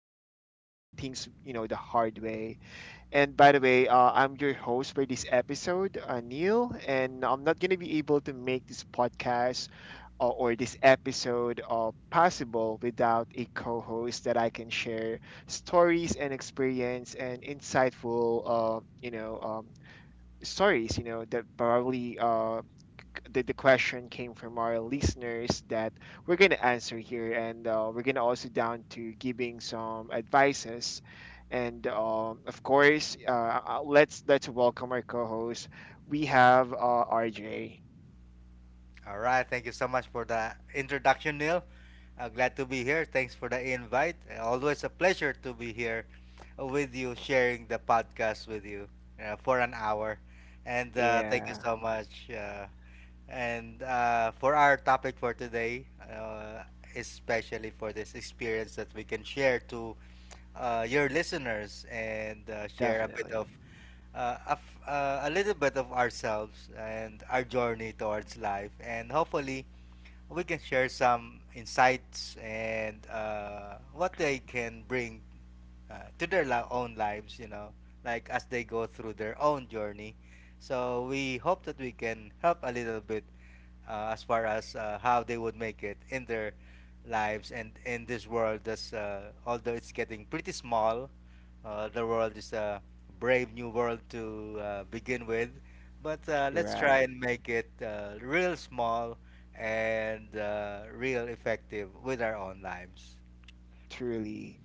probably learning things, the hard way and by the way, I'm your host for this episode, Neil, and I'm not going to be able to make this podcast or this episode possible without a co host that I can share stories and experience and insightful, stories, that the question came from our listeners that we're going to answer here and we're going to also down to giving some advices and of course let's welcome our co-host we have rj All right. Thank you so much for the introduction, Neil. Glad to be here. Thanks for the invite. Always a pleasure to be here with you, sharing the podcast with you for an hour. And thank you yeah so much. And For our topic for today, especially for this experience that we can share to your listeners, and share a bit of definitely a little bit of ourselves and our journey towards life. And hopefully, we can share some insights and what they can bring to their own lives, you know, like as they go through their own journey. So we hope that we can help a little bit as far as how they would make it in their lives and in this world. That's although it's getting pretty small, the world is a brave new world to begin with. But let's try right. and make it real small and real effective with our own lives. Truly.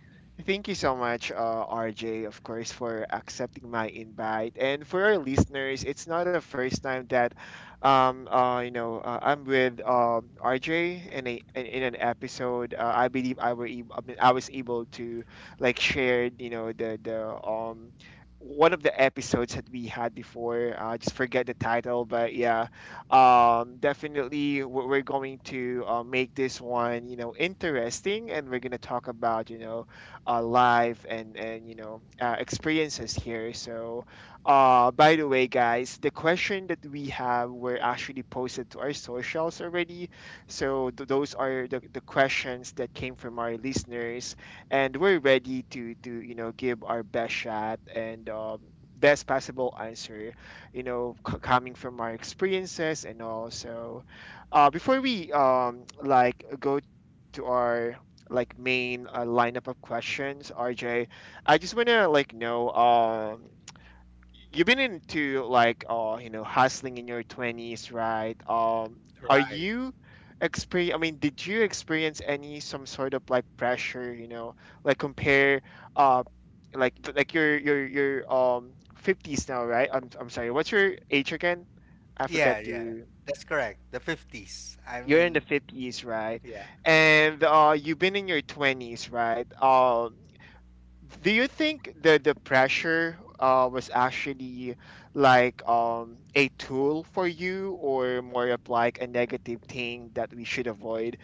Thank you so much, RJ, of course, for accepting my invite. And for our listeners, it's not the first time that, I'm with RJ in in an episode. I believe I were ab- I mean, I was able to like share, the one of the episodes that we had before. I just forget the title, but yeah, definitely we're going to make this one interesting and we're going to talk about life and experiences here. So by the way guys, the question that we have were actually posted to our socials already. So those are the questions that came from our listeners and we're ready to give our best shot and best possible answer, coming from our experiences and also before we like go to our like main lineup of questions, RJ, I just wanna like know you've been into like hustling in your 20s, right? Are Right. you experience I mean Did you experience any some sort of like pressure, you know like compare uh like your 50s now, right? I'm sorry, what's your age again? I forgot Yeah, yeah, to that's correct. The 50s. I You're in the mean, 50s, right? yeah. And you've been in your 20s, right? Do you think the pressure was actually like a tool for you or more of like a negative thing that we should avoid?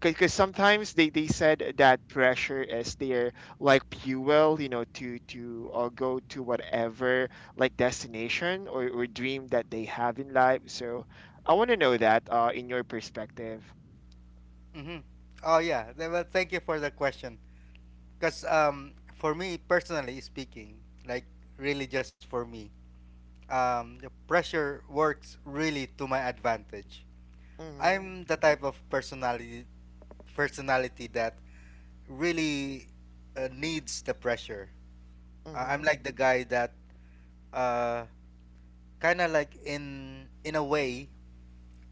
Because sometimes they said that pressure is their like fuel, to go to whatever like destination or dream that they have in life. So I want to know that in your perspective. Mm-hmm. Oh, yeah. Well, thank you for the question. Because for me, personally speaking, like really just for me, the pressure works really to my advantage. Mm-hmm. I'm the type of personality that really needs the pressure. I'm Mm-hmm. like the guy that uh, kind of like in a way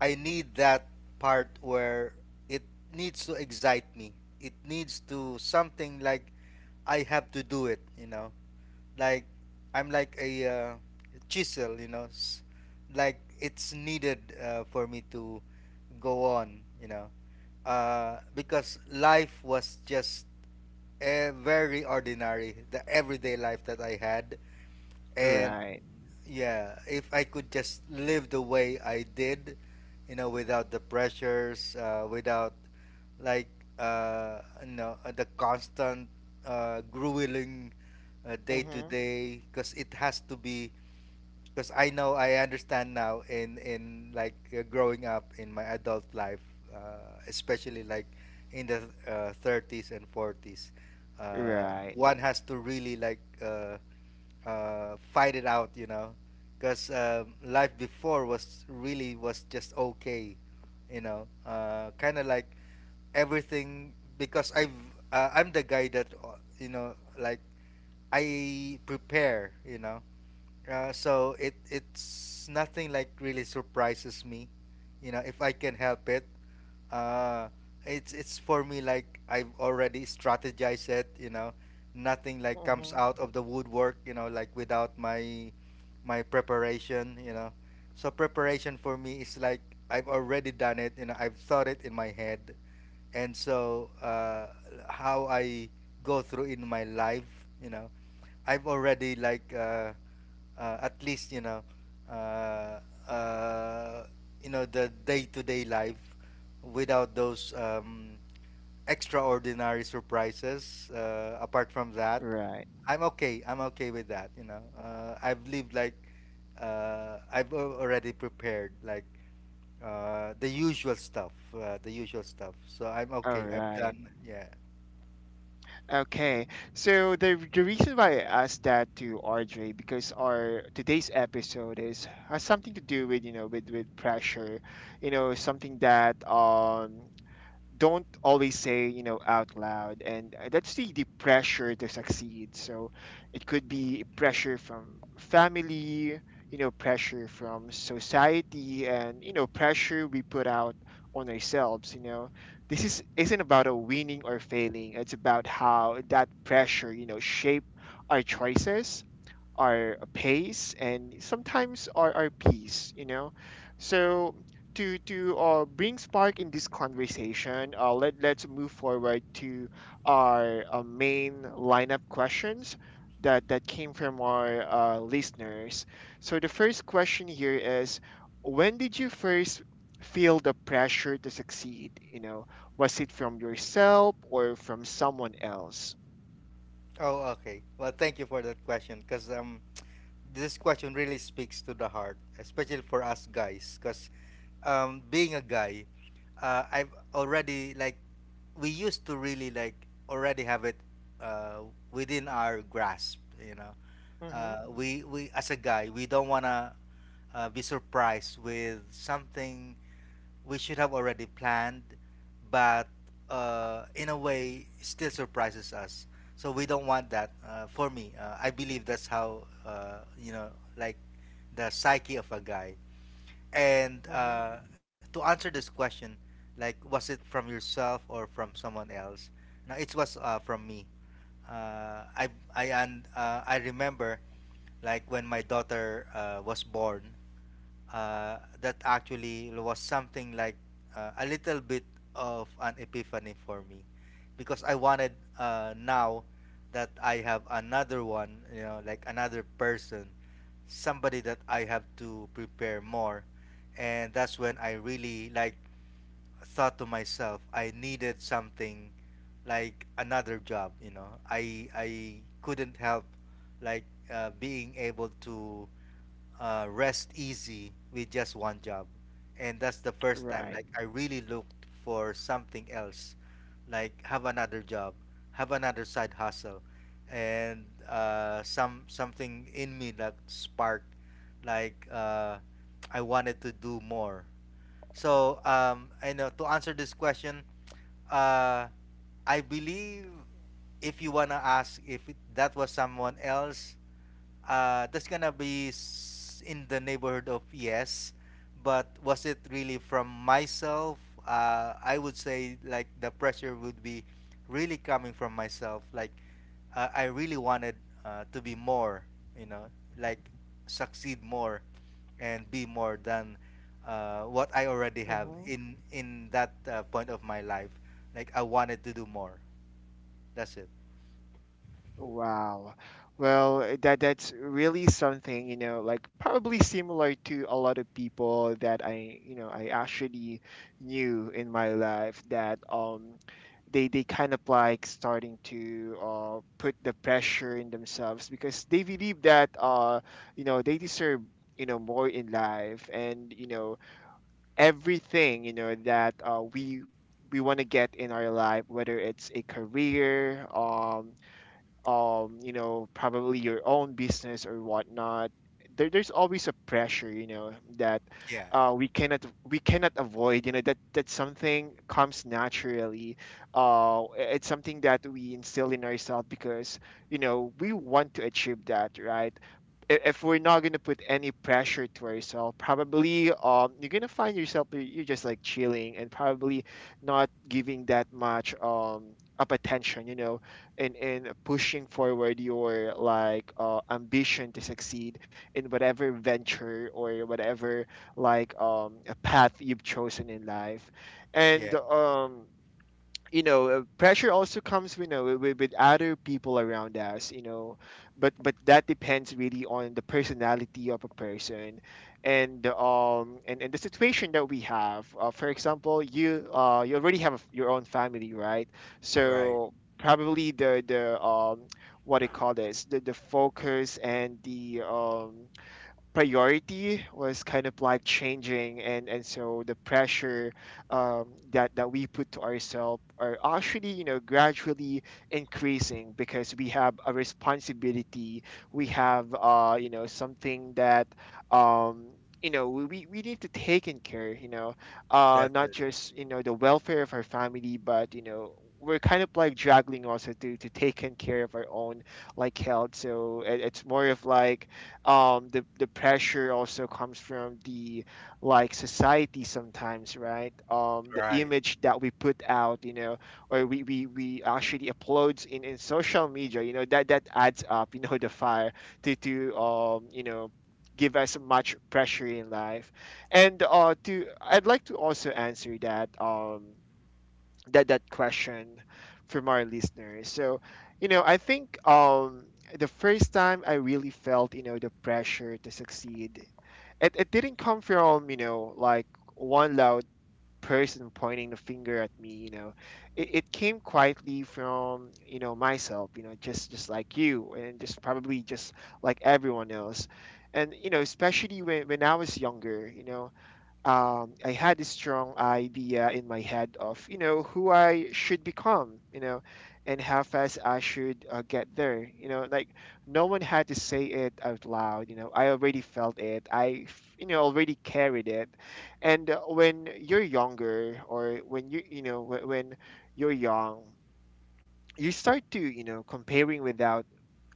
I need that part where it needs to excite me. It needs to something like I have to do it, you know. Like I'm like a chisel, you know. Like it's needed for me to go on, you know. Because life was just a very ordinary, the everyday life that I had, and Right. yeah, if I could just live the way I did, you know, without the pressures, without like you know the constant grueling day to Mm-hmm. day, because it has to be, because I know I understand now in like growing up in my adult life, especially like in the 30s and 40s, uh, Right. one has to really like fight it out, you know, because life before was really was just okay, you know, kind of like everything because I've I'm the guy that you know like I prepare, you know. So it's nothing like really surprises me, you know, if I can help it. Uh, it's for me like I've already strategized it, you know. Nothing like comes Mm-hmm. out of the woodwork, you know, like without my preparation, you know. So preparation for me is like I've already done it, you know. I've thought it in my head, and so how I go through in my life, you know. I've already like at least uh, uh, you know the day-to-day life without those extraordinary surprises. Apart from that, Right. I'm okay. I'm okay with that. You know, I've lived like I've already prepared like the usual stuff, the usual stuff. So I'm All okay. I'm right. done. Yeah. Okay. So the reason why I asked that to RJ because our today's episode is has something to do with with pressure, something that don't always say out loud and that's the pressure to succeed. So it could be pressure from family, pressure from society and pressure we put out on ourselves, this is isn't about a winning or failing. It's about how that pressure shape our choices, our pace and sometimes our peace, so to bring spark in this conversation let's move forward to our main lineup questions that came from our listeners. So the first question here is, when did you first feel the pressure to succeed, was it from yourself or from someone else? Oh, okay. Well, thank you for that question, because this question really speaks to the heart, especially for us guys, because being a guy, I've already like we used to really like already have it uh, within our grasp. You know, Mm hmm we as a guy, we don't wanna be surprised with something we should have already planned, but in a way, still surprises us. So we don't want that. For me, I believe that's how you know, like the psyche of a guy. And mm hmm to answer this question, like was it from yourself or from someone else? Now it was from me. Uh, I I remember, like when my daughter was born, that actually was something like a little bit of an epiphany for me, because I wanted now that I have another one, you know, like another person, somebody that I have to prepare more. And that's when I really like thought to myself, I needed something like another job, you know. I couldn't help like being able to rest easy with just one job. And that's the first time right. like I really looked for something else, like have another job, have another side hustle, and some something in me that sparked, like I wanted to do more. So I know to answer this question, uh, I believe if you wanna ask if it, that was someone else, that's gonna be in the neighborhood of yes, but was it really from myself? I would say like the pressure would be really coming from myself. Like I really wanted to be more, you know, like succeed more and be more than what I already have in that point of my life. Like I wanted to do more. That's it. Wow. Well, that's really something, you know, like probably similar to a lot of people that I, you know, I actually knew in my life that they kind of like starting to put the pressure in themselves because they believe that you know, they deserve, you know, more in life and, you know, everything, you know, that we want to get in our life, whether it's a career, you know, probably your own business or whatnot, there's always a pressure, you know, that Yeah. We cannot avoid, you know, that that something comes naturally. It's something that we instill in ourselves because we want to achieve that, right? If we're not going to put any pressure to ourselves, probably you're going to find yourself you're just like chilling and probably not giving that much up attention, in pushing forward your like ambition to succeed in whatever venture or whatever like path you've chosen in life. Yeah. And pressure also comes, you know, with other people around us, but that depends really on the personality of a person and and the situation that we have. For example, you you already have your own family, right? Right. So probably the what do you call this the focus and the priority was kind of like changing, and so the pressure that we put to ourselves are actually, you know, gradually increasing because we have a responsibility. We have you know something that um you know we need to take in care, you know, not Definitely. just, you know, the welfare of our family, but you know, we're kind of like juggling also to take in care of our own like health. So it's more of like the pressure also comes from the like society sometimes, right? The Right. image that we put out, you know, or we actually uploads in social media, you know, that that adds up you know, the fire to give us much pressure in life. And to I'd like to also answer that that question from our listeners. So, you know, I think the first time I really felt, you know, the pressure to succeed, it didn't come from, you know, like one loud person pointing the finger at me, you know. It came quietly from, you know, myself, you know, just like you and just probably just like everyone else. And, you know, especially when I was younger, you know, I had this strong idea in my head of you know who I should become, you know, and how fast I should get there. You know, like no one had to say it out loud. You know, I already felt it. You know, already carried it. And when you're younger, or when you when you're young, you start to you know comparing without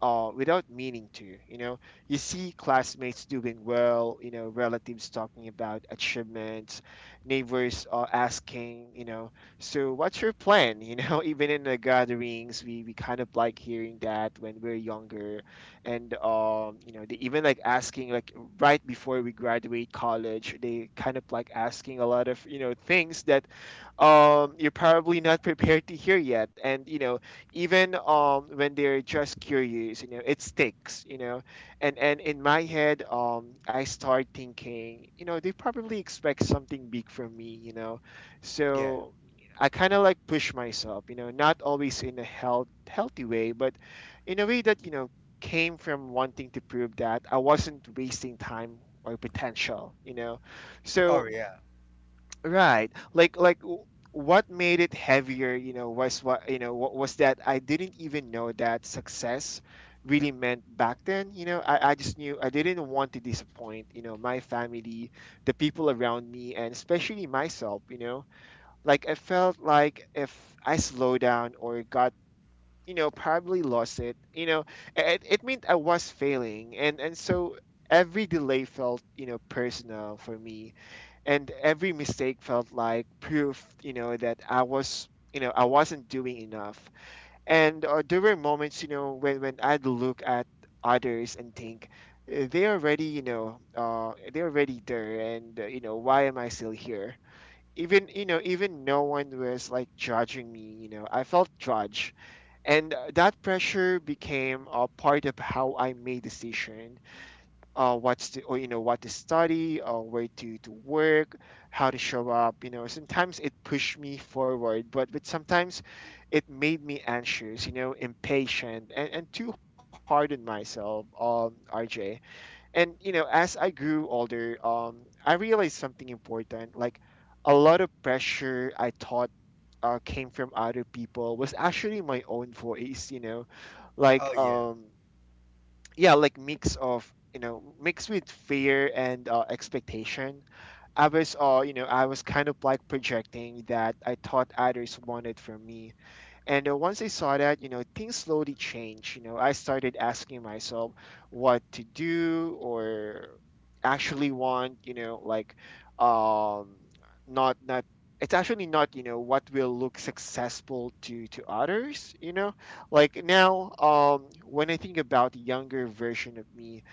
without meaning to, you know, you see classmates doing well, you know, relatives talking about achievements, neighbors are asking, you know, so what's your plan? You know, even in the gatherings we kind of like hearing that when we're younger. And you know they even like asking like right before we graduate college, they kind of like asking a lot of you know things that you're probably not prepared to hear yet. And you know, even when they're just curious you know it sticks, you know, and in my head I start thinking, you know, they probably expect something big from me, you know, Yeah. so I kind of like push myself, you know, not always in a healthy way, but in a way that you know came from wanting to prove that I wasn't wasting time or potential, you know, Oh so yeah. right. What made it heavier, you know, was what you know what was that I didn't even know that success really meant back then. You know, I just knew I didn't want to disappoint, you know, my family, the people around me, and especially myself, you know. Like I felt like if I slowed down or got you know probably lost it, you know, it meant I was failing, and so every delay felt, you know, personal for me, and every mistake felt like proof, you know, that I was you know I wasn't doing enough. And there were moments, you know, when I'd look at others and think, they're already they're already there and you know why am I still here, even you know even no one was like judging me, you know, I felt judged." And that pressure became a part of how I made decision. You know, what to study, where to work, how to show up. You know, sometimes it pushed me forward, but sometimes it made me anxious. Impatient and too hard on myself. RJ, and you know, as I grew older, I realized something important. Like a lot of pressure I thought came from other people was actually my own voice. Oh like yeah. um mix of mixed with fear and expectation. I was I was kind of like projecting that I thought others wanted from me, and once I saw that, you know, things slowly changed. You know, I started asking myself what to do or actually want. You know, like, um, not not. it's actually not, you know, what will look successful to others. You know, like now, when I think about the younger version of me,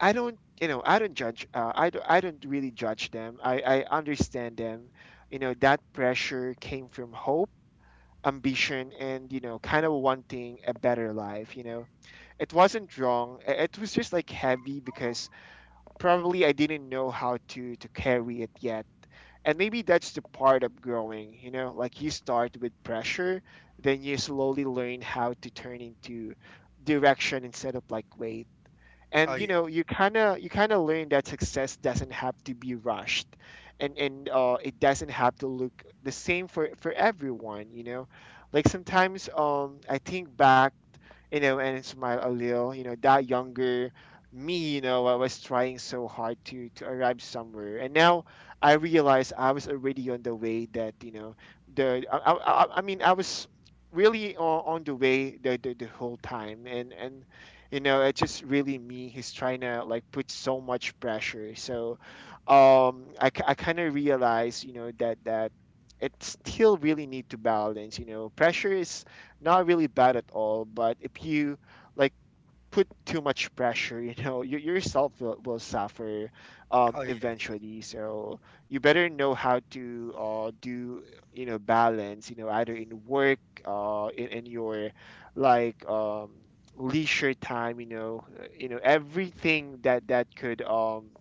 I don't judge. I don't really judge them. I understand them. You know, that pressure came from hope, ambition, and you know, kind of wanting a better life. You know, it wasn't wrong. It was just like heavy because probably I didn't know how to carry it yet. And maybe that's the part of growing. You know, like you start with pressure, then you slowly learn how to turn into direction instead of like weight. Oh And you yeah. know, you kind of learn that success doesn't have to be rushed. And it doesn't have to look the same for everyone, you know. Like sometimes, um, I think back, you know, and smile a little. You know, that younger me, you know, I was trying so hard to arrive somewhere, and now I realize I was already on the way. That you know the I mean I was really on, the way, the whole time. And you know, it's just really me. He's trying to like put so much pressure. So, I kind of realize, you know, that it still really need to balance. You know, pressure is not really bad at all, but if you like put too much pressure, you know, you yourself will suffer Oh yes. eventually. So you better know how to do, you know, balance, you know, either in work, in your like leisure time, you know, everything that could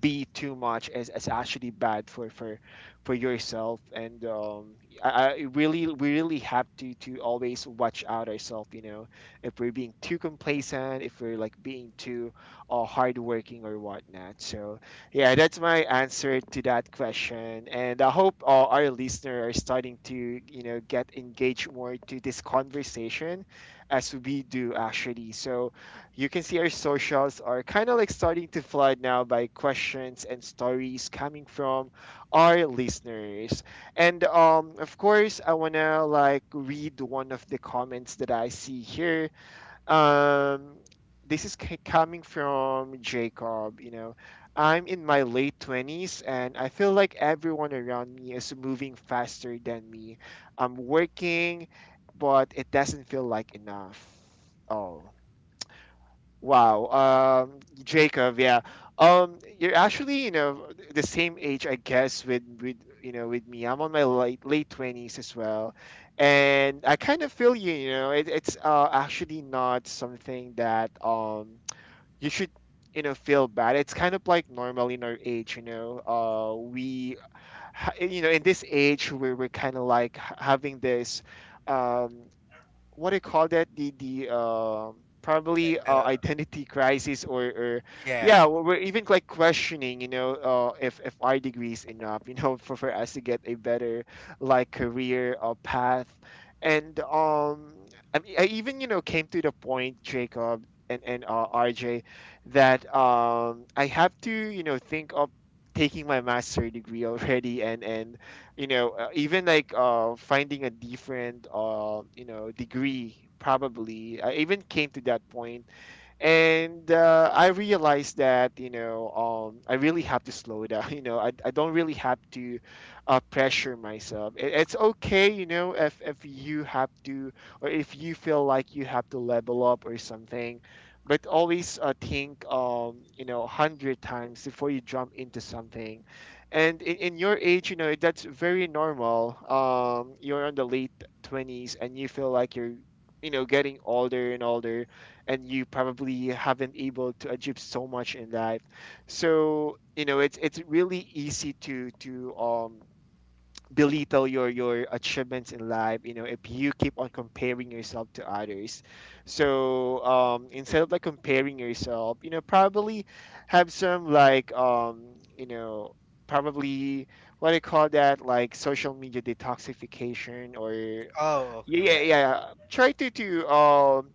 be too much is actually bad for yourself. I, I really, we really have to always watch out ourselves, you know, if we're being too complacent, if we're like being too hardworking or whatnot. So yeah, that's my answer to that question, and I hope our listener are starting to you know get engaged more to this conversation as we do actually. So you can see our socials are kind of like starting to flood now by questions and stories coming from our listeners. And of course, I want to like read one of the comments that I see here. Um, this is coming from Jacob, you know. I'm in my late 20s and I feel like everyone around me is moving faster than me. I'm working, but it doesn't feel like enough. Oh. Wow, Jacob, yeah. You're actually, you know, the same age, I guess, with with me. I'm on my late 20s as well, and I kind of feel you. You know, it's actually not something that you should you know feel bad. It's kind of like normal in our age. You know, you know in this age we're kind of like having this. Um, what do you call that, the Like probably the identity crisis or yeah. yeah, we're even like questioning, you know, if our degree is enough. You know, for us to get a better like career or path. And I mean, I even you know came to the point, Jacob, and RJ, that I have to you know think of taking my master degree already, and you know, even like finding a different degree probably. I even came to that point, and I realized that you know, I really have to slow down. You know, I don't really have to pressure myself. It's okay, you know, if you have to, or if you feel like you have to level up or something, but always think, you know, a hundred times before you jump into something. And in your age, you know, that's very normal. You're in the late 20s and you feel like you're you know getting older and older, and you probably haven't able to achieve so much in life. So you know, it's really easy to belittle your achievements in life, you know, if you keep on comparing yourself to others. So um, instead of like comparing yourself, you know, probably have some like you know probably what do you call that, like social media detoxification or Oh okay yeah, yeah. Try to to um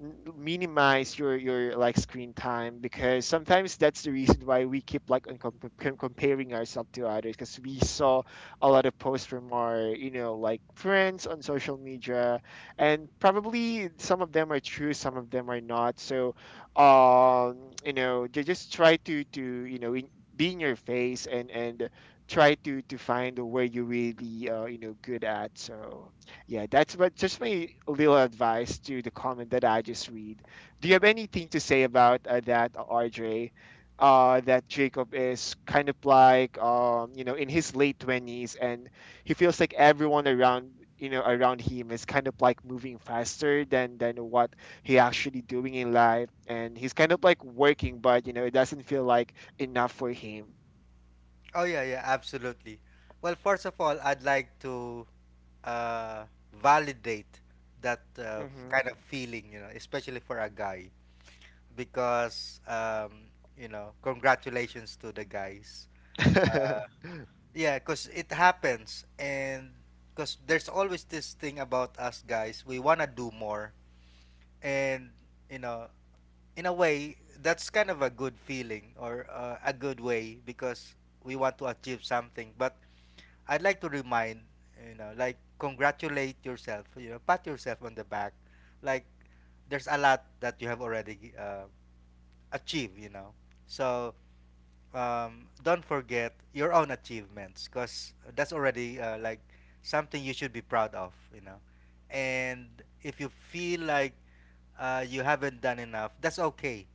n- minimize your like screen time, because sometimes that's the reason why we keep like on comparing ourselves to others, because we saw a lot of posts from our you know like friends on social media, and probably some of them are true, some of them are not. So um, you know, they just try to you know be in your face and try to find where you're really you know good at. So yeah, that's what just my little advice to the comment that I just read. Do you have anything to say about that, RJ? That Jacob is kind of like, you know, in his late 20s, and he feels like everyone around, you know, around him is kind of like moving faster than what he actually doing in life, and he's kind of like working, but you know, it doesn't feel like enough for him. Oh yeah, yeah, absolutely. Well, first of all, I'd like to uh, validate that Mm-hmm. kind of feeling, you know, especially for a guy, because you know, congratulations to the guys. Mm-hmm. Uh, Yeah, because it happens. And because there's always this thing about us guys, we want to do more. And, you know, in a way, that's kind of a good feeling or a good way because we want to achieve something. But I'd like to remind, you know, like, congratulate yourself, you know, pat yourself on the back. Like, there's a lot that you have already achieved, you know. So don't forget your own achievements, because that's already like something you should be proud of, you know. And if you feel like you haven't done enough, that's okay,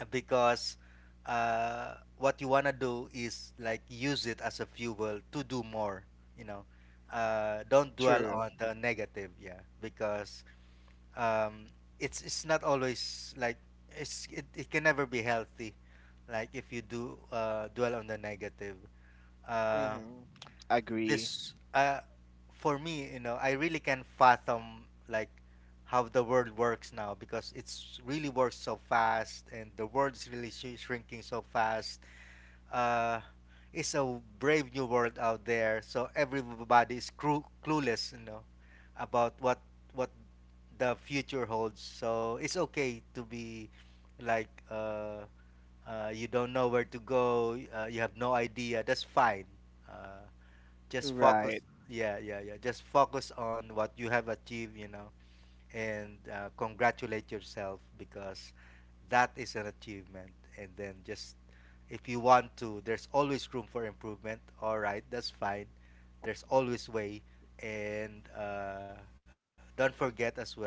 because what you want to do is like use it as a fuel to do more, you know. Don't dwell True. on the negative, yeah, because um, it's not always like it can never be healthy like if you do dwell on the negative. Uh, Mm-hmm. Agree. this For me, you know, I really can fathom like how the world works now, because it's really works so fast and the world's really shrinking so fast. uh, it's a brave new world out there. So everybody is clueless, you know, about what the future holds. So it's okay to be like you don't know where to go. You have no idea. That's fine. Uh, just Right. focus. Yeah, yeah, yeah. Just focus on what you have achieved. You know, and congratulate yourself because that is an achievement. And then just if you want to, there's always room for improvement. All right, that's fine. There's always way. And don't forget as well, like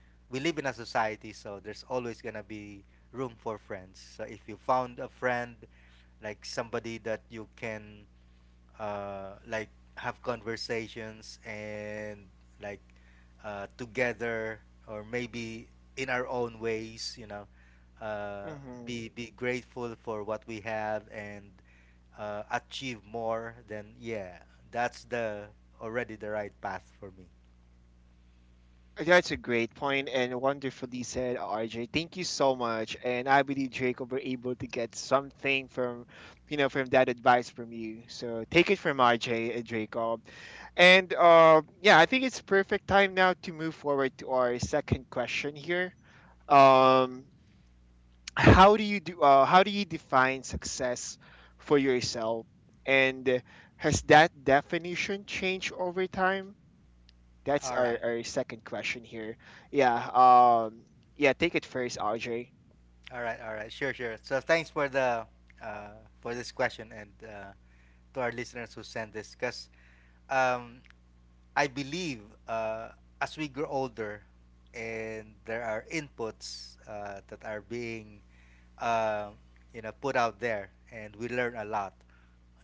we live in a society, so there's always gonna be room for friends. So if you found a friend, like somebody that you can like have conversations and like together or maybe in our own ways, you know, uh, Mm-hmm. be grateful for what we have and achieve more then. Yeah, that's the already the right path for me. That's a great point and wonderfully said, RJ. Thank you so much. And I believe Jacob were able to get something from, you know, from that advice from you. So take it from RJ and Jacob. And yeah, I think it's perfect time now to move forward to our second question here. Um, how do you do? How do you define success for yourself? And has that definition changed over time? That's All right. our second question here. Yeah. Yeah. Take it first, Audrey. All right. All right, sure, sure. So thanks for the for this question and to our listeners who sent this, because um, I believe uh, as we grow older and there are inputs that are being uh, you know put out there, and we learn a lot,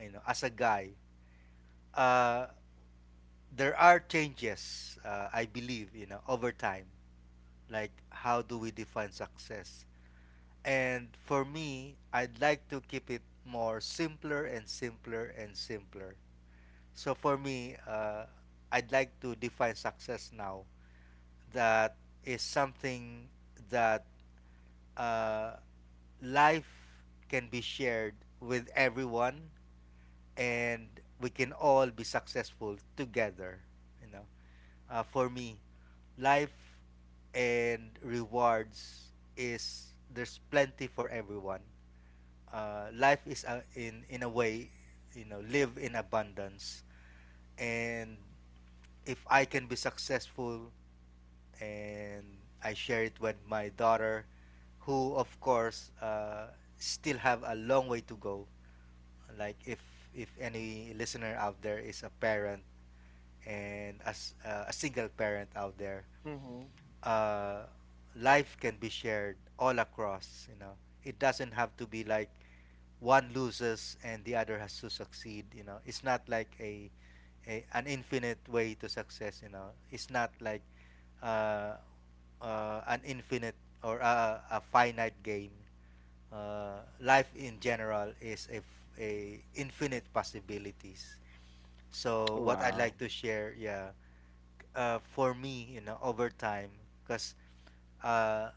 you know, as a guy. uh, there are changes I believe you know over time, like how do we define success. And for me, I'd like to keep it more simpler and simpler and simpler. So for me, I'd like to define success now. That is something that uh, life can be shared with everyone, and we can all be successful together. You know, for me, life and rewards is there's plenty for everyone. Life is in a way, you know, live in abundance. And if I can be successful and I share it with my daughter, who of course still have a long way to go. Like if any listener out there is a parent, and as a single parent out there, Mm-hmm. uh, life can be shared all across, you know. It doesn't have to be like one loses and the other has to succeed, you know. It's not like a an infinite way to success, you know. It's not like uh, an infinite or a finite game. Life in general is a infinite possibilities. So what I'd Wow. like to share, yeah. For me, you know, over time, because uh,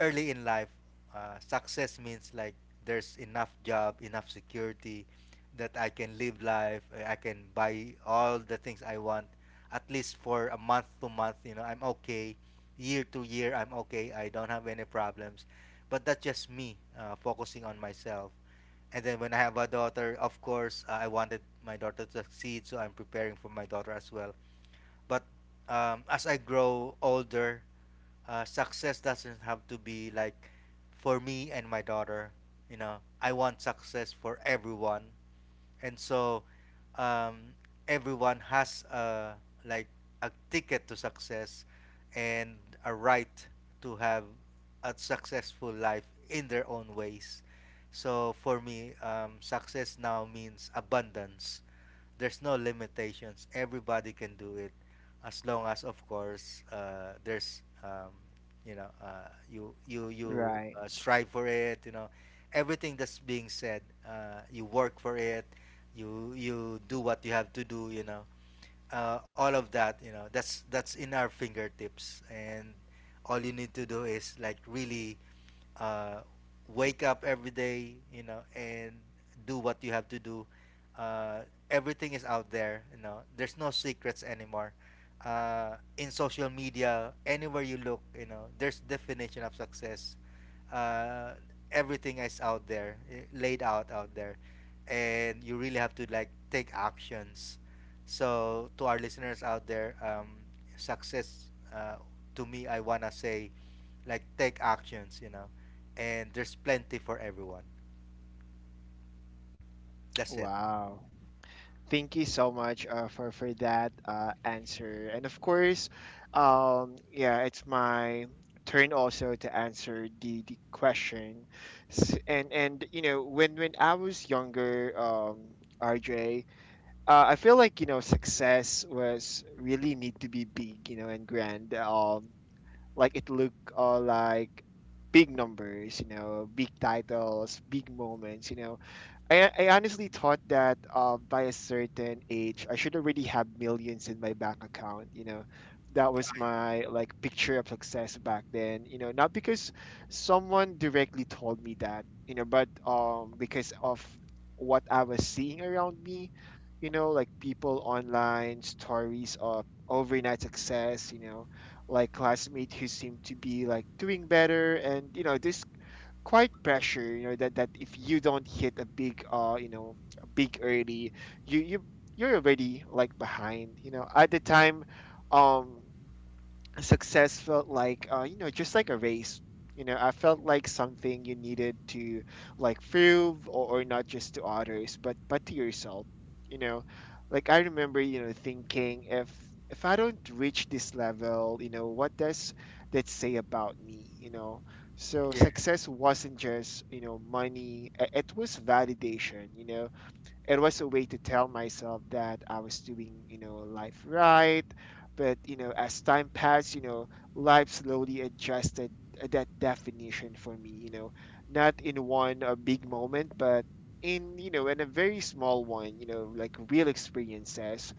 early in life, success means like there's enough job, enough security that I can live life. I can buy all the things I want, at least for a month to month. You know, I'm okay. Year to year, I'm okay. I don't have any problems. But that's just me focusing on myself. And then when I have a daughter, of course, I wanted my daughter to succeed, so I'm preparing for my daughter as well. But as I grow older, success doesn't have to be like for me and my daughter. You know, I want success for everyone. And so, um, everyone has a like a ticket to success, and a right to have a successful life in their own ways. So for me, success now means abundance. There's no limitations. Everybody can do it, as long as, of course, there's, you know, you you Right. Strive for it. You know, everything that's being said, you work for it. You do what you have to do. You know, all of that. You know, that's in our fingertips, and all you need to do is like really uh, wake up every day, you know, and do what you have to do. Uh, Everything is out there, you know. There's no secrets anymore. In social media, anywhere you look, you know, there's definition of success. Uh, Everything is out there, laid out there, and you really have to like take actions. So to our listeners out there, success, uh, to me, I wanna say like take actions, you know, and there's plenty for everyone. That's it. Wow. Thank you so much for that answer. And of course, yeah, it's my turn also to answer the question. And you know, when I was younger, RJ, I feel like you know success was really need to be big, you know, and grand. Like it look like big numbers, you know, big titles, big moments, you know, I honestly thought that by a certain age, I should already have millions in my bank account. You know, that was my like picture of success back then. You know, not because someone directly told me that. You know, but because of what I was seeing around me. You know, like people online, stories of overnight success. You know, like classmates who seem to be like doing better, and you know this quite pressure you know that if you don't hit a big a big early, you you you're already like behind, you know. At the time, um, success felt like you know just like a race. You know, I felt like something you needed to like prove, or not just to others but to yourself, you know. Like I remember, you know, thinking if I don't reach this level, you know, what does that say about me, you know? So Yeah. success wasn't just you know money. It was validation, you know. It was a way to tell myself that I was doing, you know, life right. But you know, as time passed, you know, life slowly adjusted that definition for me. You know, not in one big moment, but in you know, in a very small one. You know, like real experiences,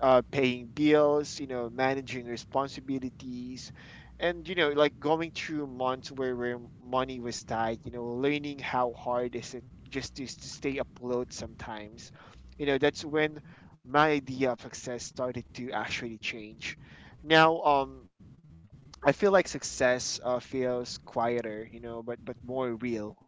paying bills, you know, managing responsibilities, and you know, like going through months where money was tight, you know, learning how hard is it just to stay afloat sometimes. You know, that's when my idea of success started to actually change. Now, I feel like success feels quieter, but more real.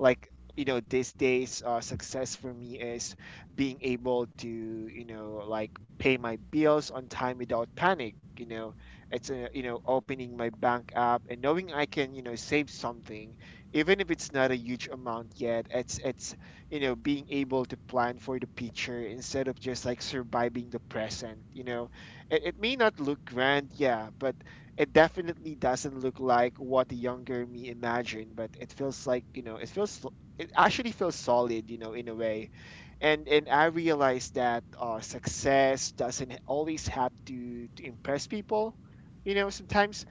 Like, these days success for me is being able to, like, pay my bills on time without panic. It's a— opening my bank app and knowing I can, save something, even if it's not a huge amount yet. It's, being able to plan for the future instead of just like surviving the present. It may not look grand, yeah, but it definitely doesn't look like what the younger me imagined. But it feels like, it feels— it actually feels solid, you know, in a way. And I realized that success doesn't always have to impress people. You know, sometimes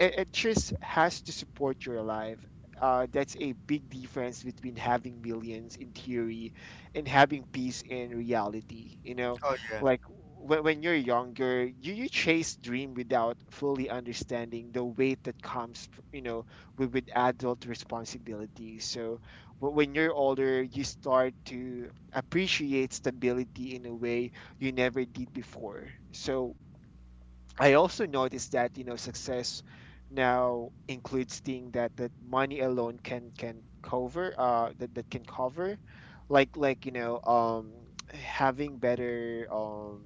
it just has to support your life. That's a big difference between having millions in theory and having peace in reality. You know, Oh yeah. like when you're younger, you chase dream without fully understanding the weight that comes, you know, with adult responsibilities. So when you're older, you start to appreciate stability in a way you never did before. So I also noticed that, success now includes things that money alone can cover— that can cover, like— having better—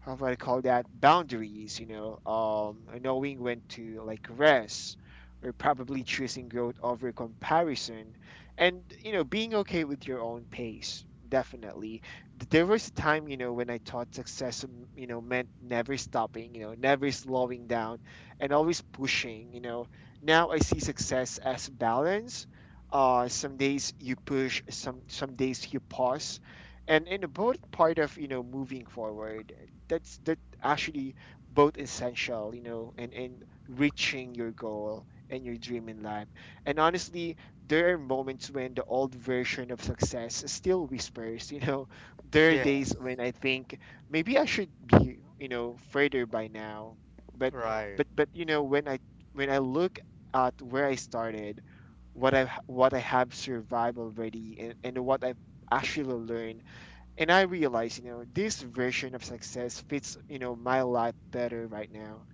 how do I call that— boundaries, you know, knowing when to like rest, or probably choosing growth over comparison, and, being okay with your own pace. Definitely. There was a time, when I thought success meant never stopping, never slowing down, and always pushing. Now I see success as balance. Some days you push, some days you pause, and in both, part of, moving forward. That's— that actually both essential, and in reaching your goal and your dream in life. And honestly, there are moments when the old version of success still whispers, you know. There are Yes. days when I think maybe I should be, further by now. But Right. but but you know when i when I look at where I started, what I have survived already, and what I have actually learned. And I realize, this version of success fits, my life better right now.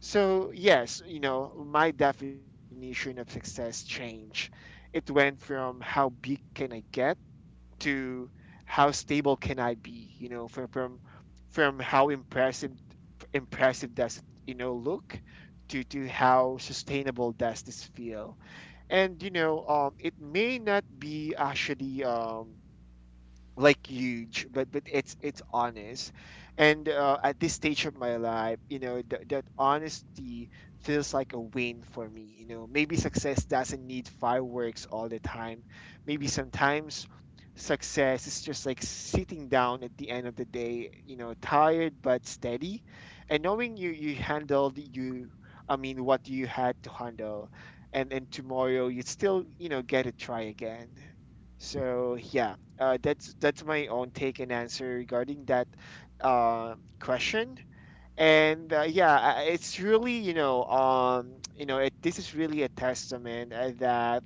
So yes, my definition of success changed. It went from "how big can I get" to "how stable can I be," from how impressive does it, look, to how sustainable does this feel. And, it may not be actually— like huge, but it's honest. And at this stage of my life, that honesty feels like a win for me. Maybe success doesn't need fireworks all the time. Maybe sometimes success is just like sitting down at the end of the day, tired but steady, and knowing you— handled— you, I mean, what you had to handle. And tomorrow you still, get a try again. So yeah. That's my own take and answer regarding that uh, question. And yeah, it's really, this is really a testament that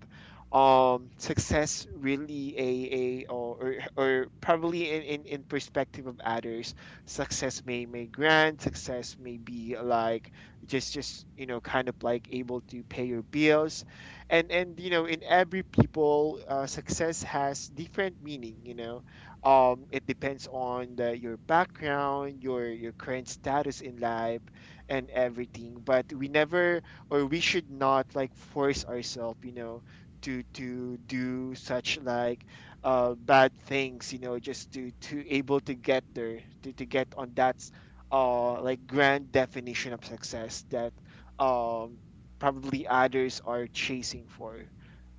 success really— a— or probably in— in perspective of others. Success may— grant— success may be like, just, kind of like, able to pay your bills. And, in every people, success has different meaning, it depends on the— your background, your current status in life, and everything. But we never— or we should not like force ourselves, to do such like, bad things, just to able to get there, to get on that like grand definition of success that um probably others are chasing for.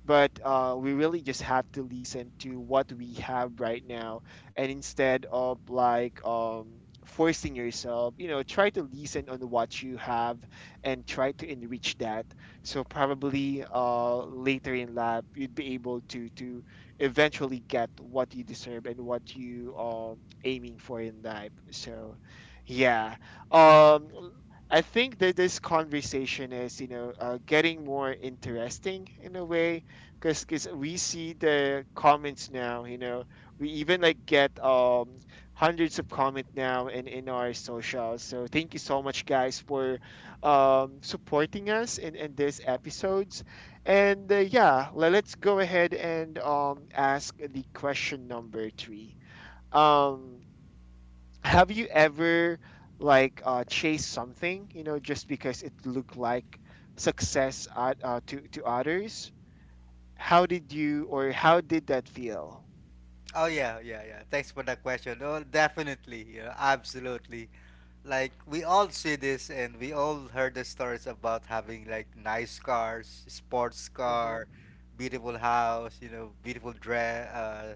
But we really just have to listen to what we have right now, and instead of like, forcing yourself, try to listen on what you have, and try to enrich that. So probably later in life you'd be able to eventually get what you deserve and what you aiming for in life. So yeah. um I think that this conversation is, getting more interesting in a way, because we see the comments now. We even like get, hundreds of comment now in our socials. So thank you so much guys for supporting us in these episodes. And yeah, let's go ahead and ask the question number three. um have you ever, like, chased something, just because it looked like success at— to— to others? How did you— or how did that feel? Oh yeah, yeah, yeah. Thanks for that question. Oh, definitely. Yeah, absolutely. Like we all see this and we all heard the stories about having like nice cars, sports Mhm. car, beautiful house, you know, beautiful dress,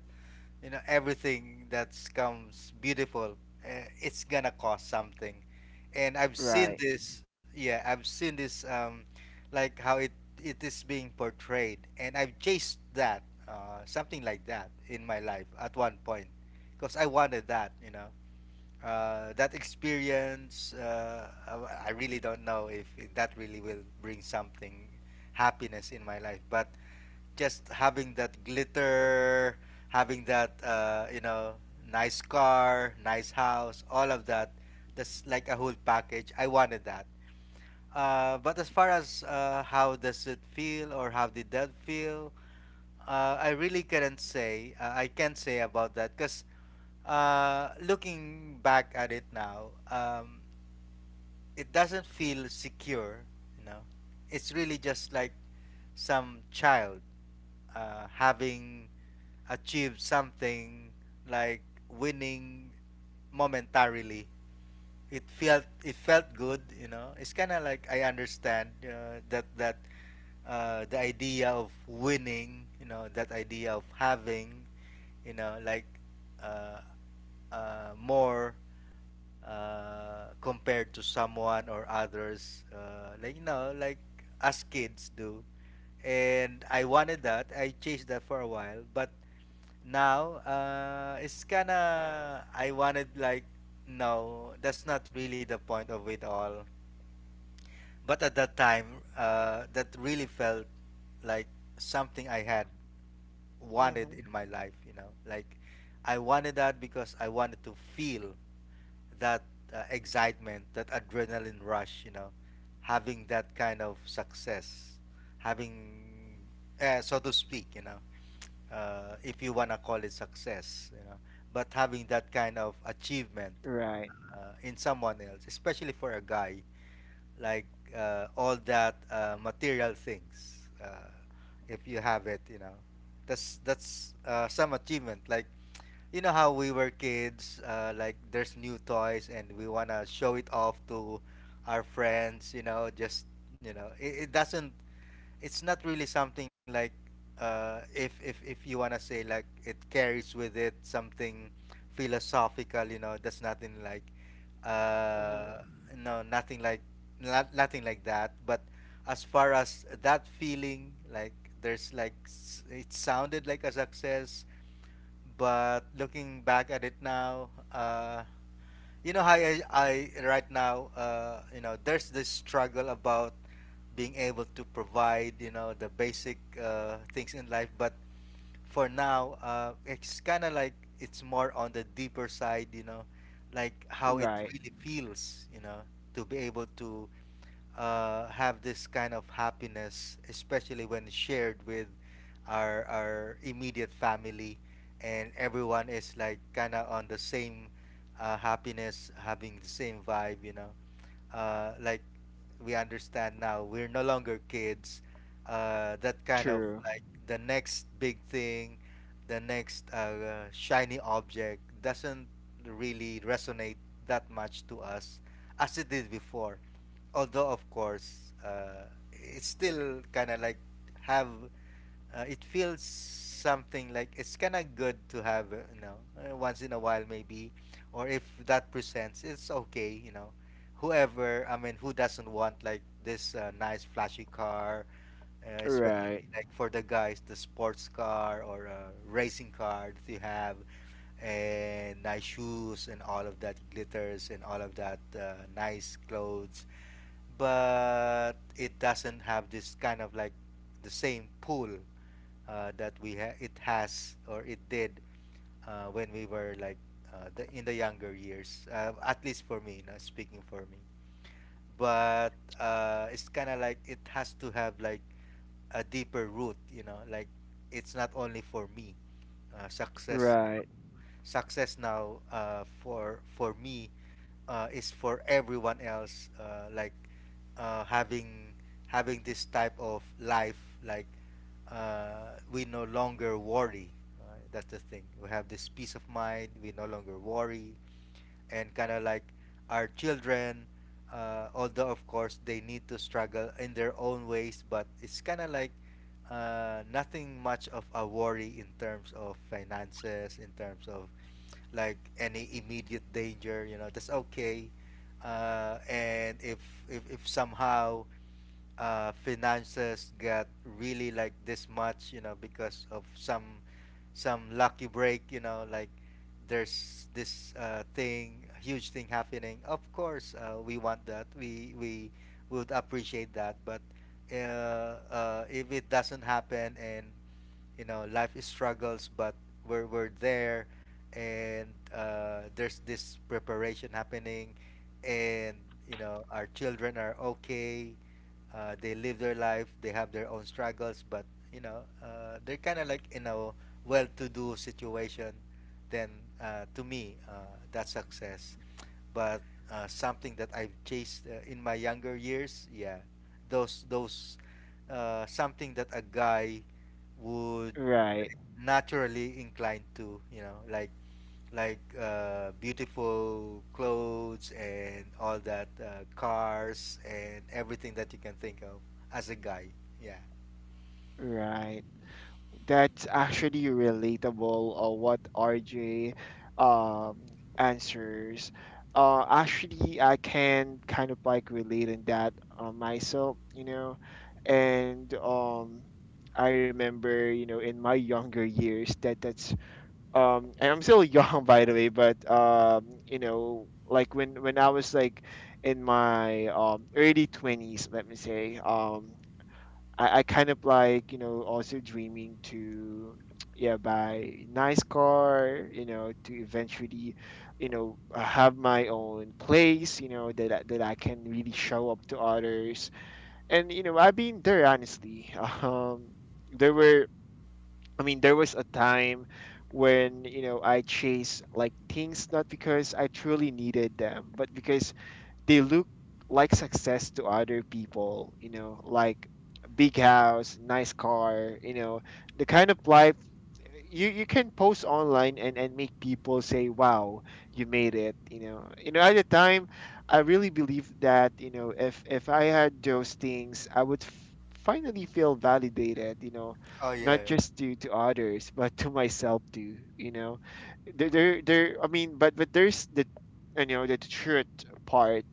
you know, everything that's comes beautiful. It's gonna cost something. And I've seen Right. this, yeah, I've seen this, like how it is being portrayed. And I've chased that, something like that in my life at one point, because I wanted that, you know, that experience. I really don't know if that really will bring something, happiness, in my life. But just having that glitter, having that, you know, nice car, nice house, all of that. That's like a whole package. I wanted that. But as far as how does it feel or how did that feel, I really couldn't say. I can't say about that because looking back at it now, it doesn't feel secure, you know. It's really just like some child having achieved something like winning momentarily. It felt good, you know. It's kind of like I understand that the idea of winning, you know, that idea of having, you know, like, uh, more compared to someone or others, like, you know, like us kids do. And I wanted that, I chased that for a while. But now, it's kind of I wanted like, no, that's not really the point of it all. But at that time, that really felt like something I had wanted Mhm. in my life, you know. Like I wanted that because I wanted to feel that excitement, that adrenaline rush, you know, having that kind of success, having, so to speak, you know, if you want to call it success, you know, but having that kind of achievement Right. In someone else, especially for a guy, like, all that material things. If you have it, you know, that's some achievement. Like you know how we were kids, like there's new toys and we wanna show it off to our friends. You know, just, you know, it doesn't, it's not really something like, if you wanna say like it carries with it something philosophical, you know, that's nothing like, Mhm. uh, no, nothing like, nothing like that. But as far as that feeling, like there's it sounded like a success, but looking back at it now, you know how I right now, you know, there's this struggle about being able to provide, you know, the basic things in life. But for now, it's kind of like it's more on the deeper side, you know, like how it Right. really feels, you know, to be able to have this kind of happiness, especially when shared with our immediate family, and everyone is like kind of on the same happiness, having the same vibe, you know. Like we understand now, we're no longer kids. That kind of True. like the next big thing, the next shiny object doesn't really resonate that much to us as it did before. Although of course it's still kind of like have, it feels something like it's kind of good to have, you know, once in a while maybe, or if that presents, it's okay, you know. Whoever, I mean, who doesn't want like this nice flashy car, especially Right, like for the guys, the sports car or a racing car that you have, and nice shoes and all of that glitters and all of that nice clothes. But it doesn't have this kind of like the same pull, that we it has or it did, when we were like, the in the younger years. At least for me, not speaking for me, but it's kind of like it has to have like a deeper root, you know, like it's not only for me. uh, success right, success now, for me, is for everyone else. Like, having this type of life, like, we no longer worry. That's the thing, we have this peace of mind, we no longer worry. And kind of like our children, although of course they need to struggle in their own ways, but it's kind of like nothing much of a worry in terms of finances, in terms of like any immediate danger, you know, that's okay. And if, if somehow finances got really like this much, you know, because of some lucky break, you know, like there's this thing, huge thing happening. Of course, we want that. We would appreciate that. But uh, if it doesn't happen, and you know life is struggles, but we're there. And there's this preparation happening. And you know our children are okay. They live their life, they have their own struggles, but, you know, they're kind of like in a well-to-do situation. Then to me, that's success. But something that I've chased in my younger years, yeah. Those something that a guy would right, naturally inclined to, you know, like beautiful clothes and all that cars and everything that you can think of as a guy. Yeah. right. That's actually relatable. What RJ um, answers. Actually, I can kind of like relate in that myself, you know, and I remember, you know, in my younger years that— that's and I'm still young by the way. But you know, like when I was like in my early 20s, let me say. I kind of like, also dreaming to yeah, buy nice car, to eventually, have my own place, that that I can really show up to others. And, I've been there honestly. um there were— I mean, there was a time when, I chased like things not because I truly needed them, but because they look like success to other people, you know, like big house, nice car, you know, the kind of life you can post online, and make people say, "Wow, you made it," you know. You know, at the time, I really believe that, if I had those things, I would finally feel validated, you know, Oh not yeah. just to others, but to myself too, you know. There, there, there. I mean, but there's the— the truth part.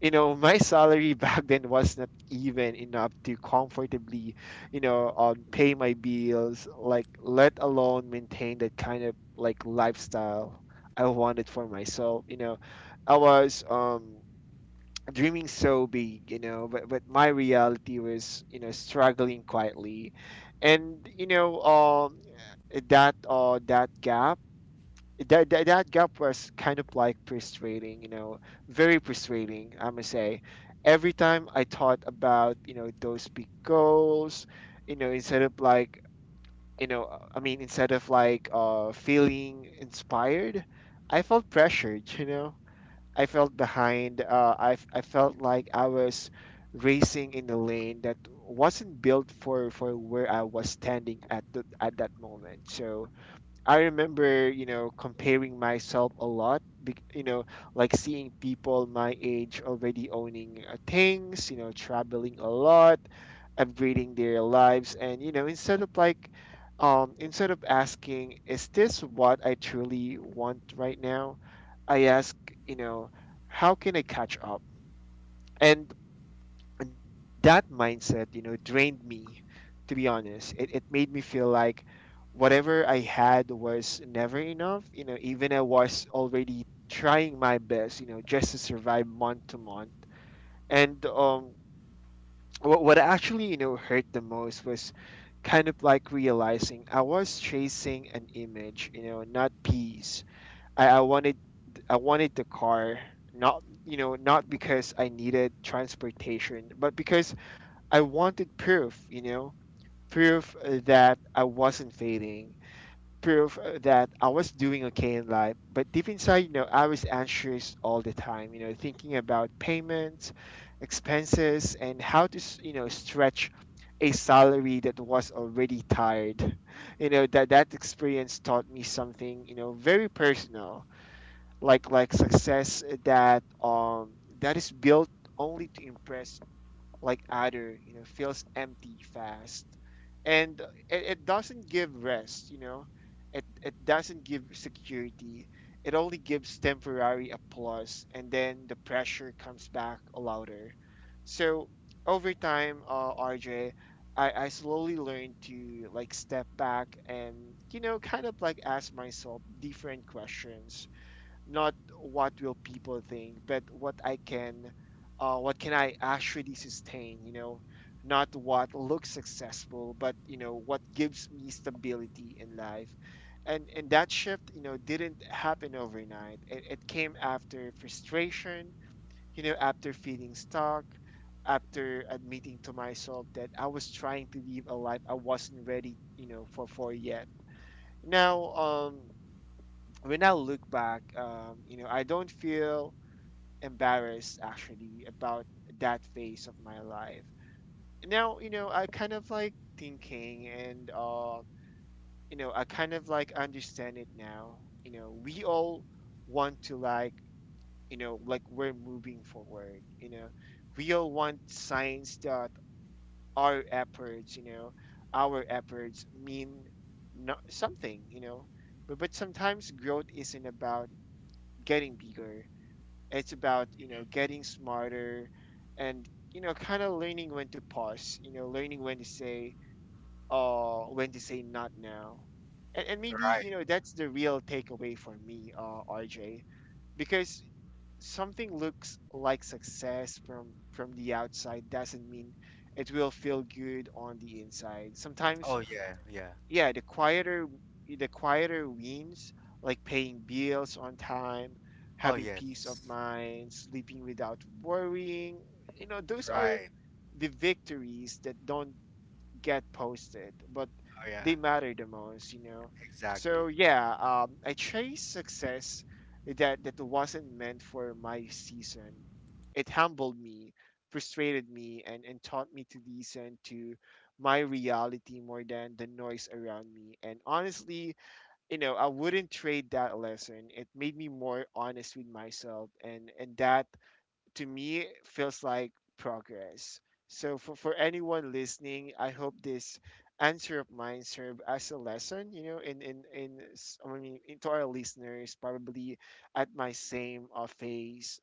My salary back then was not even enough to comfortably, pay my bills, like let alone maintain that kind of like lifestyle I wanted for myself, you know. I was dreaming so big, but my reality was, struggling quietly. And that— that gap— that gap was kind of like frustrating, you know, very frustrating, I must say. Every time I thought about, those big goals, instead of like, I mean, instead of like, feeling inspired, I felt pressured, you know. I felt behind. I felt like I was racing in a lane that wasn't built for where I was standing at at that moment. So I remember, comparing myself a lot, you know, like seeing people my age already owning, things, you know, traveling a lot, upgrading their lives. And, instead of like, instead of asking, is this what I truly want right now? I ask, you know, how can I catch up? And that mindset, drained me, to be honest. It made me feel like whatever I had was never enough. You know, even I was already trying my best, just to survive month to month. And what actually, hurt the most was kind of like realizing I was chasing an image, you know, not peace. I, I wanted I wanted the car, not, not because I needed transportation, but because I wanted proof, you know, proof that I wasn't fading, proof that I was doing okay in life. But deep inside, I was anxious all the time, thinking about payments, expenses, and how to— you know, stretch a salary that was already tired. You know, that experience taught me something, very personal, like— success, that— that is built only to impress, like Adder, you know, feels empty fast. And it doesn't give rest, you know. It doesn't give security. It only gives temporary applause, and then the pressure comes back louder. So over time, RJ, I slowly learned to like step back and, kind of like, ask myself different questions. Not "what will people think," but "what I can"— "what can I actually sustain," not what looks successful, but, what gives me stability in life. And that shift, didn't happen overnight. It came after frustration, after feeling stuck, after admitting to myself that I was trying to live a life I wasn't ready, for yet. Now, when I look back, I don't feel embarrassed actually about that phase of my life. Now, I kind of like thinking and I kind of like understand it now. You know, we all want to like, we're moving forward, we all want signs that our efforts, our efforts mean something, but sometimes growth isn't about getting bigger. It's about, getting smarter and, kind of learning when to pause, learning when to say not now. And maybe, Right. That's the real takeaway for me, RJ, because something looks like success from the outside doesn't mean it will feel good on the inside. Oh Sometimes yeah, yeah. yeah, the quieter wins, like paying bills on time, Oh having peace yes. of mind, sleeping without worrying. You know, those are Right. the victories that don't get posted, but Oh yeah. they matter the most. Exactly. So yeah, I chase success that wasn't meant for my season. It humbled me, frustrated me, and taught me to listen to my reality more than the noise around me. And honestly, I wouldn't trade that lesson. It made me more honest with myself, and that to me feels like progress. So for anyone listening, I hope this answer of mine serve as a lesson, I mean into our listeners probably at my same phase.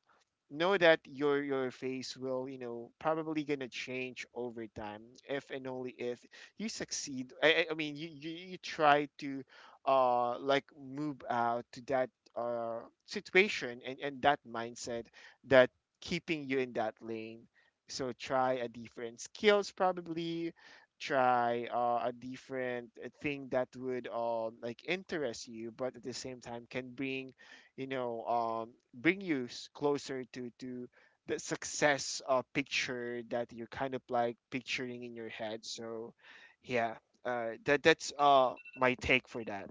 Know that your face will, probably gonna change over time if and only if you succeed. I mean you, you try to like move out to that situation and that mindset that keeping you in that lane. So try a different skills probably, try a different thing that would like interest you, but at the same time can bring, bring you closer to the success picture that you're kind of like picturing in your head. So yeah, that's my take for that.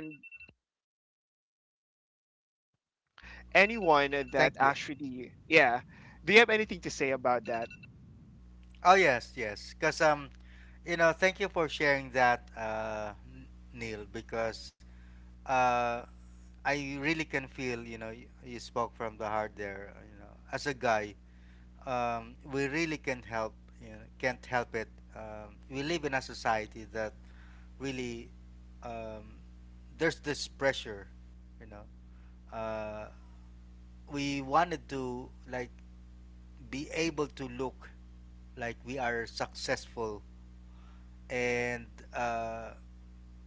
And anyone that Thank you. actually, yeah, do you have anything to say about that? Oh yes, yes. Because, you know, thank you for sharing that, Neil. Because uh, I really can feel, you know, you spoke from the heart there, you know, as a guy, we really can't help, you know, can't help it. We live in a society that really, um, there's this pressure, you know. We wanted to, like, be able to look like we are successful. And, uh,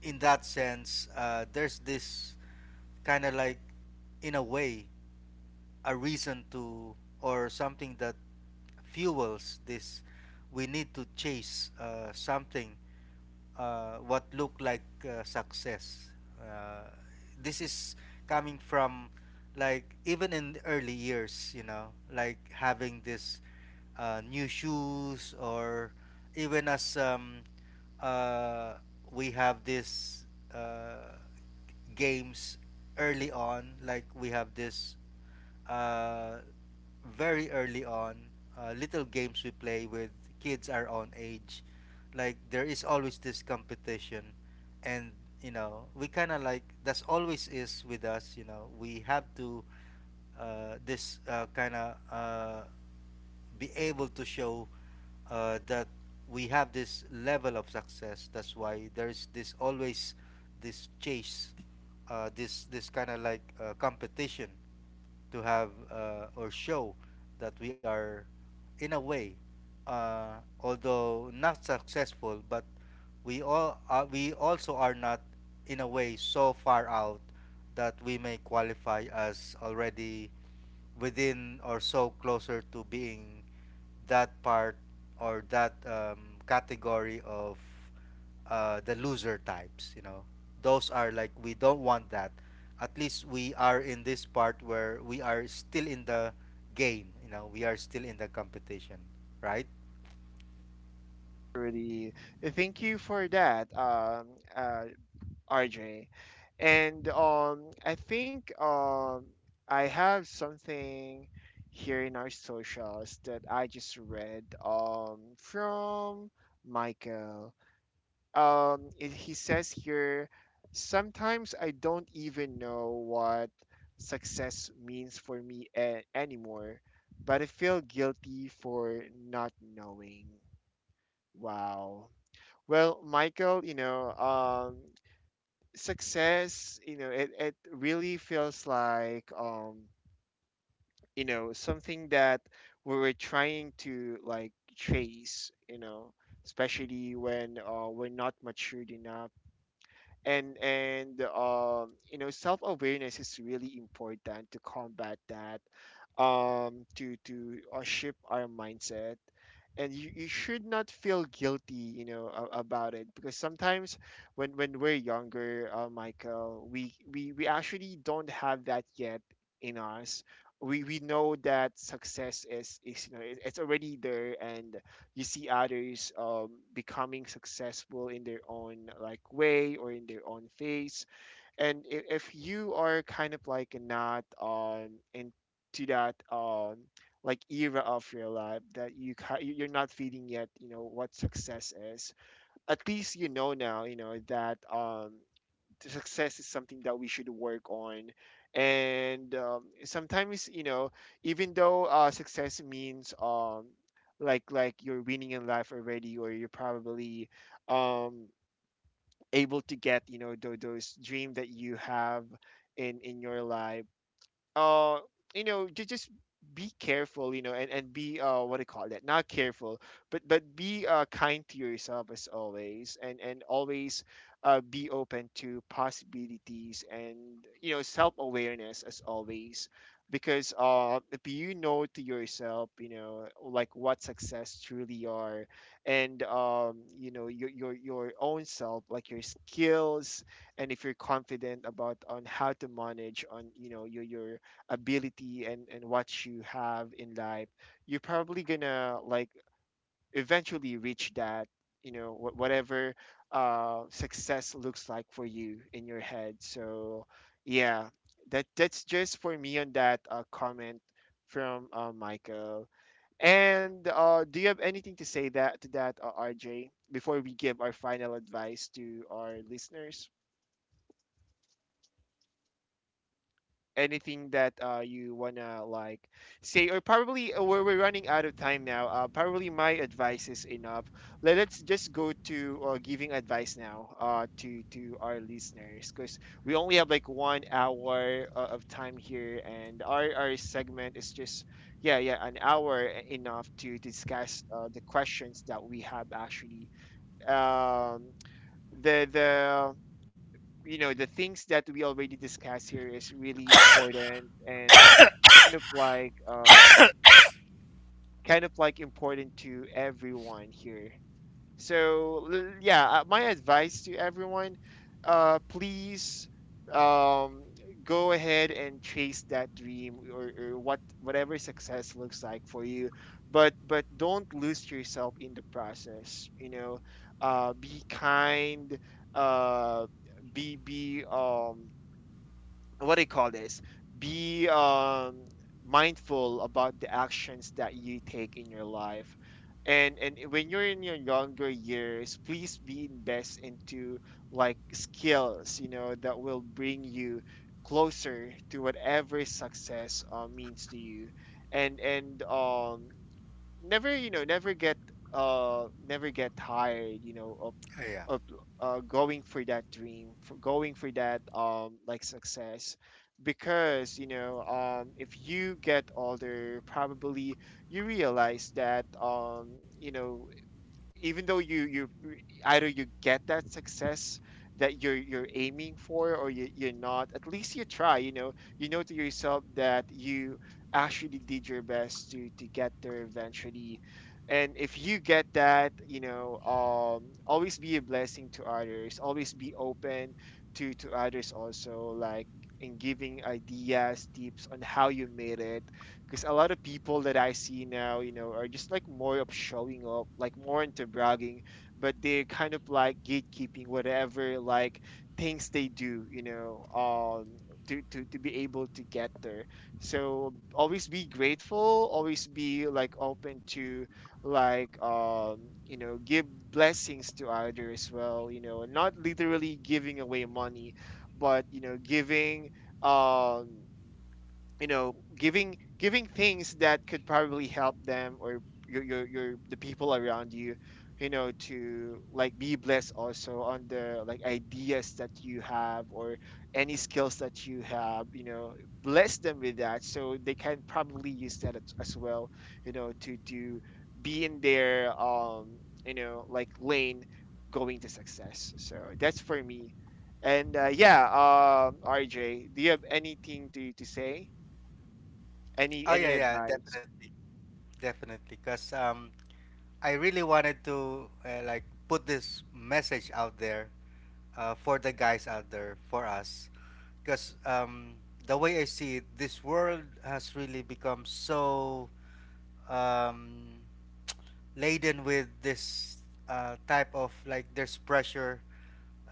in that sense, there's this kind of like, in a way, a reason to, or something that fuels this. We need to chase something, what looked like success. Uh, this is coming from like even in the early years, you know, like having this new shoes, or even as, uh, we have this uh, games early on, like we have this, uh, very early on, little games we play with kids our own age, like there is always this competition. And you know, we kind of like, that's always is with us. You know, we have to, this kind of be able to show that we have this level of success. That's why there's this always this chase, this kind of like competition to have, or show that we are, in a way, uh, although not successful, but we all, we also are not, in a way, so far out that we may qualify as already within, or so closer to being that part, or that, category of the loser types, you know. Those are like, we don't want that. At least we are in this part where we are still in the game, you know, we are still in the competition. Right. Rudy. Thank you for that, uh, RJ. And I think I have something here in our socials that I just read from Michael. He says here, sometimes I don't even know what success means for me anymore, but I feel guilty for not knowing. Wow. Well, Michael, success, it, it really feels like, something that we were trying to like chase, especially when we're not matured enough and you know self awareness is really important to combat that to shift our mindset and you should not feel guilty you know about it because sometimes when we're younger michael we, we actually don't have that yet in us. We know that success is you know it, it's already there and you see others becoming successful in their own like way or in their own phase. And if you are kind of like not into that like era of your life that you you're not feeling yet you know what success is, at least you know now you know that the success is something that we should work on. And sometimes you know even though success means like you're winning in life already or you're probably um, able to get you know those dream that you have in your life. uh you know just be careful you know and be what do you call that not careful but be kind to yourself as always and always be open to possibilities and you know self-awareness as always because if you know to yourself you know like what success truly are and you know your own self like your skills and if you're confident about on how to manage on you know your ability and what you have in life you're probably gonna like eventually reach that you know whatever success looks like for you in your head. So yeah, that's just for me on that comment from michael. And do you have anything to say that to that rj before we give our final advice to our listeners, anything that you wanna like say, or probably we're running out of time now. Probably my advice is enough. Let's just go to giving advice now to our listeners because we only have like one hour of time here, and our segment is just yeah yeah an hour enough to discuss the questions that we have actually. Um, the you know the things that we already discussed here is really important and kind of like um kind of like important to everyone here. So yeah my advice to everyone, please um go ahead and chase that dream or what whatever success looks like for you, but don't lose yourself in the process you know. Be kind, uh be what do you call this? Be mindful about the actions that you take in your life. And when you're in your younger years, please be invest into like skills, that will bring you closer to whatever success means to you. And never you know never get tired you know Oh of yeah. Going for that dream for going for that like success because you know if you get older probably you realize that you know even though you either you get that success that you're aiming for or you, you're not, at least you try you know to yourself that you actually did your best to get there eventually. And if you get that you know always be a blessing to others, always be open to others also like in giving ideas tips on how you made it because a lot of people that I see now, are just like more of showing up, like more into bragging, but they're kind of like gatekeeping whatever like things they do, to be able to get there. So always be grateful, always be like open to like give blessings to others as well, and not literally giving away money, but giving um giving things that could probably help them or your the people around you you know to like be blessed also on the like ideas that you have or any skills that you have you know bless them with that so they can probably use that as well you know to be in their you know like lane going to success. So that's for me, and yeah. Rj do you have anything to say, Oh any yeah, yeah. advice? Definitely. Definitely, because, I really wanted to like put this message out there for the guys out there, for us. Because, the way I see it, this world has really become so, um, laden with this type of like there's pressure,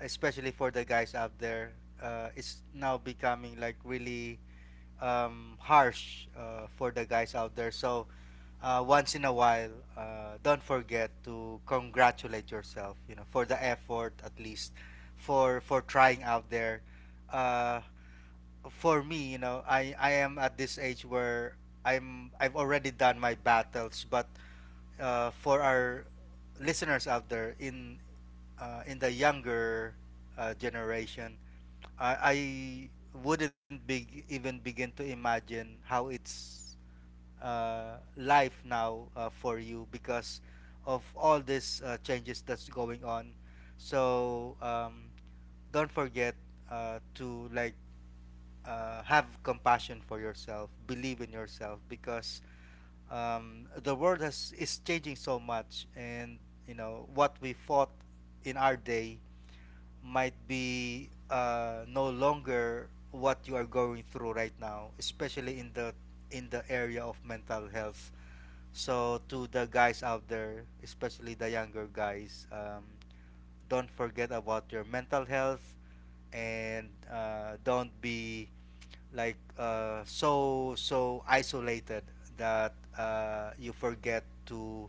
especially for the guys out there. It's now becoming like really harsh for the guys out there. So once in a while, don't forget to congratulate yourself. You know, for the effort at least, for trying out there. Uh, for me, you know, I am at this age where I've already done my battles. But for our listeners out there in, in the younger generation, I wouldn't even begin to imagine how it's life now for you, because of all these changes that's going on. So don't forget to like have compassion for yourself, believe in yourself. Because the world has is changing so much, and you know what we fought in our day might be no longer what you are going through right now, especially in the area of mental health. So to the guys out there, especially the younger guys, don't forget about your mental health. And don't be like so isolated that you forget to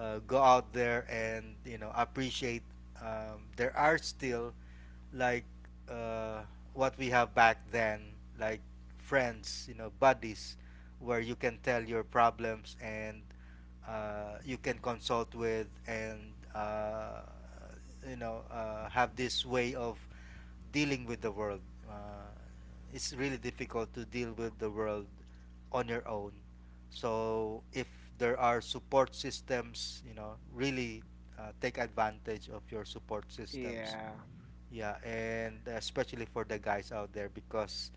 go out there and, you know, appreciate, there are still like uh, what we have back then, like friends, you know, buddies, where you can tell your problems, and you can consult with. And uh, you know, have this way of dealing with the world. Uh, it's really difficult to deal with the world on your own. So if there are support systems, you know, really take advantage of your support systems. Yeah. Yeah, and especially for the guys out there. Because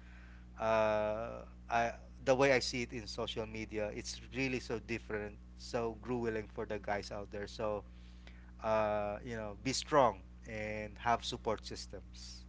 uh, I the way I see it in social media, it's really so different, so grueling for the guys out there. So, you know, be strong and have support systems.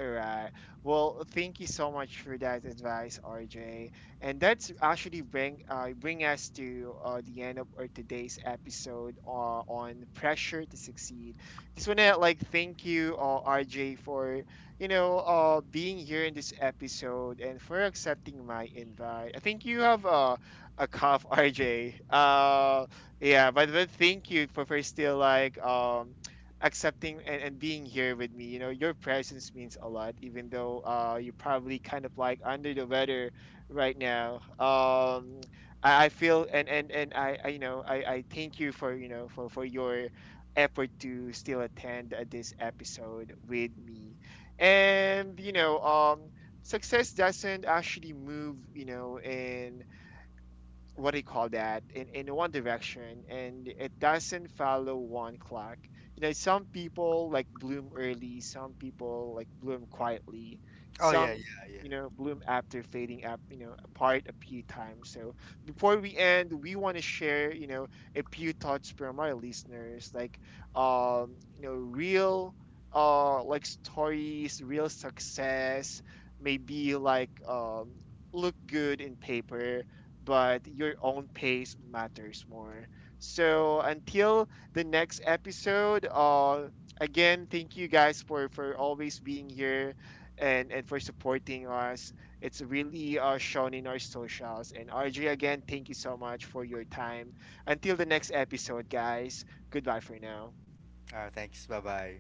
All right. Well, thank you so much for that advice, RJ. And that's actually bring bring us to the end of our today's episode on pressure to succeed. Just wanna like thank you, RJ, for you know being here in this episode and for accepting my invite. I think you have a cough, RJ. Yeah, but thank you for still like accepting and being here with me. You know, your presence means a lot, even though you're probably kind of like under the weather right now. I feel and I you know I thank you for you know for your effort to still attend this episode with me, and Success doesn't actually move, in what do you call that in one direction and it doesn't follow one clock you know. Some people like bloom early, some people like bloom quietly, Oh yeah, some yeah, yeah. you know bloom after fading up you know apart a few times. So before we end we want to share you know a few thoughts from our listeners like you know real like stories real success maybe like look good in paper, but your own pace matters more. So until the next episode, again, thank you guys for always being here and for supporting us. It's really shown in our socials. And RJ, again, thank you so much for your time. Until the next episode, guys. Goodbye for now. Thanks. Bye bye.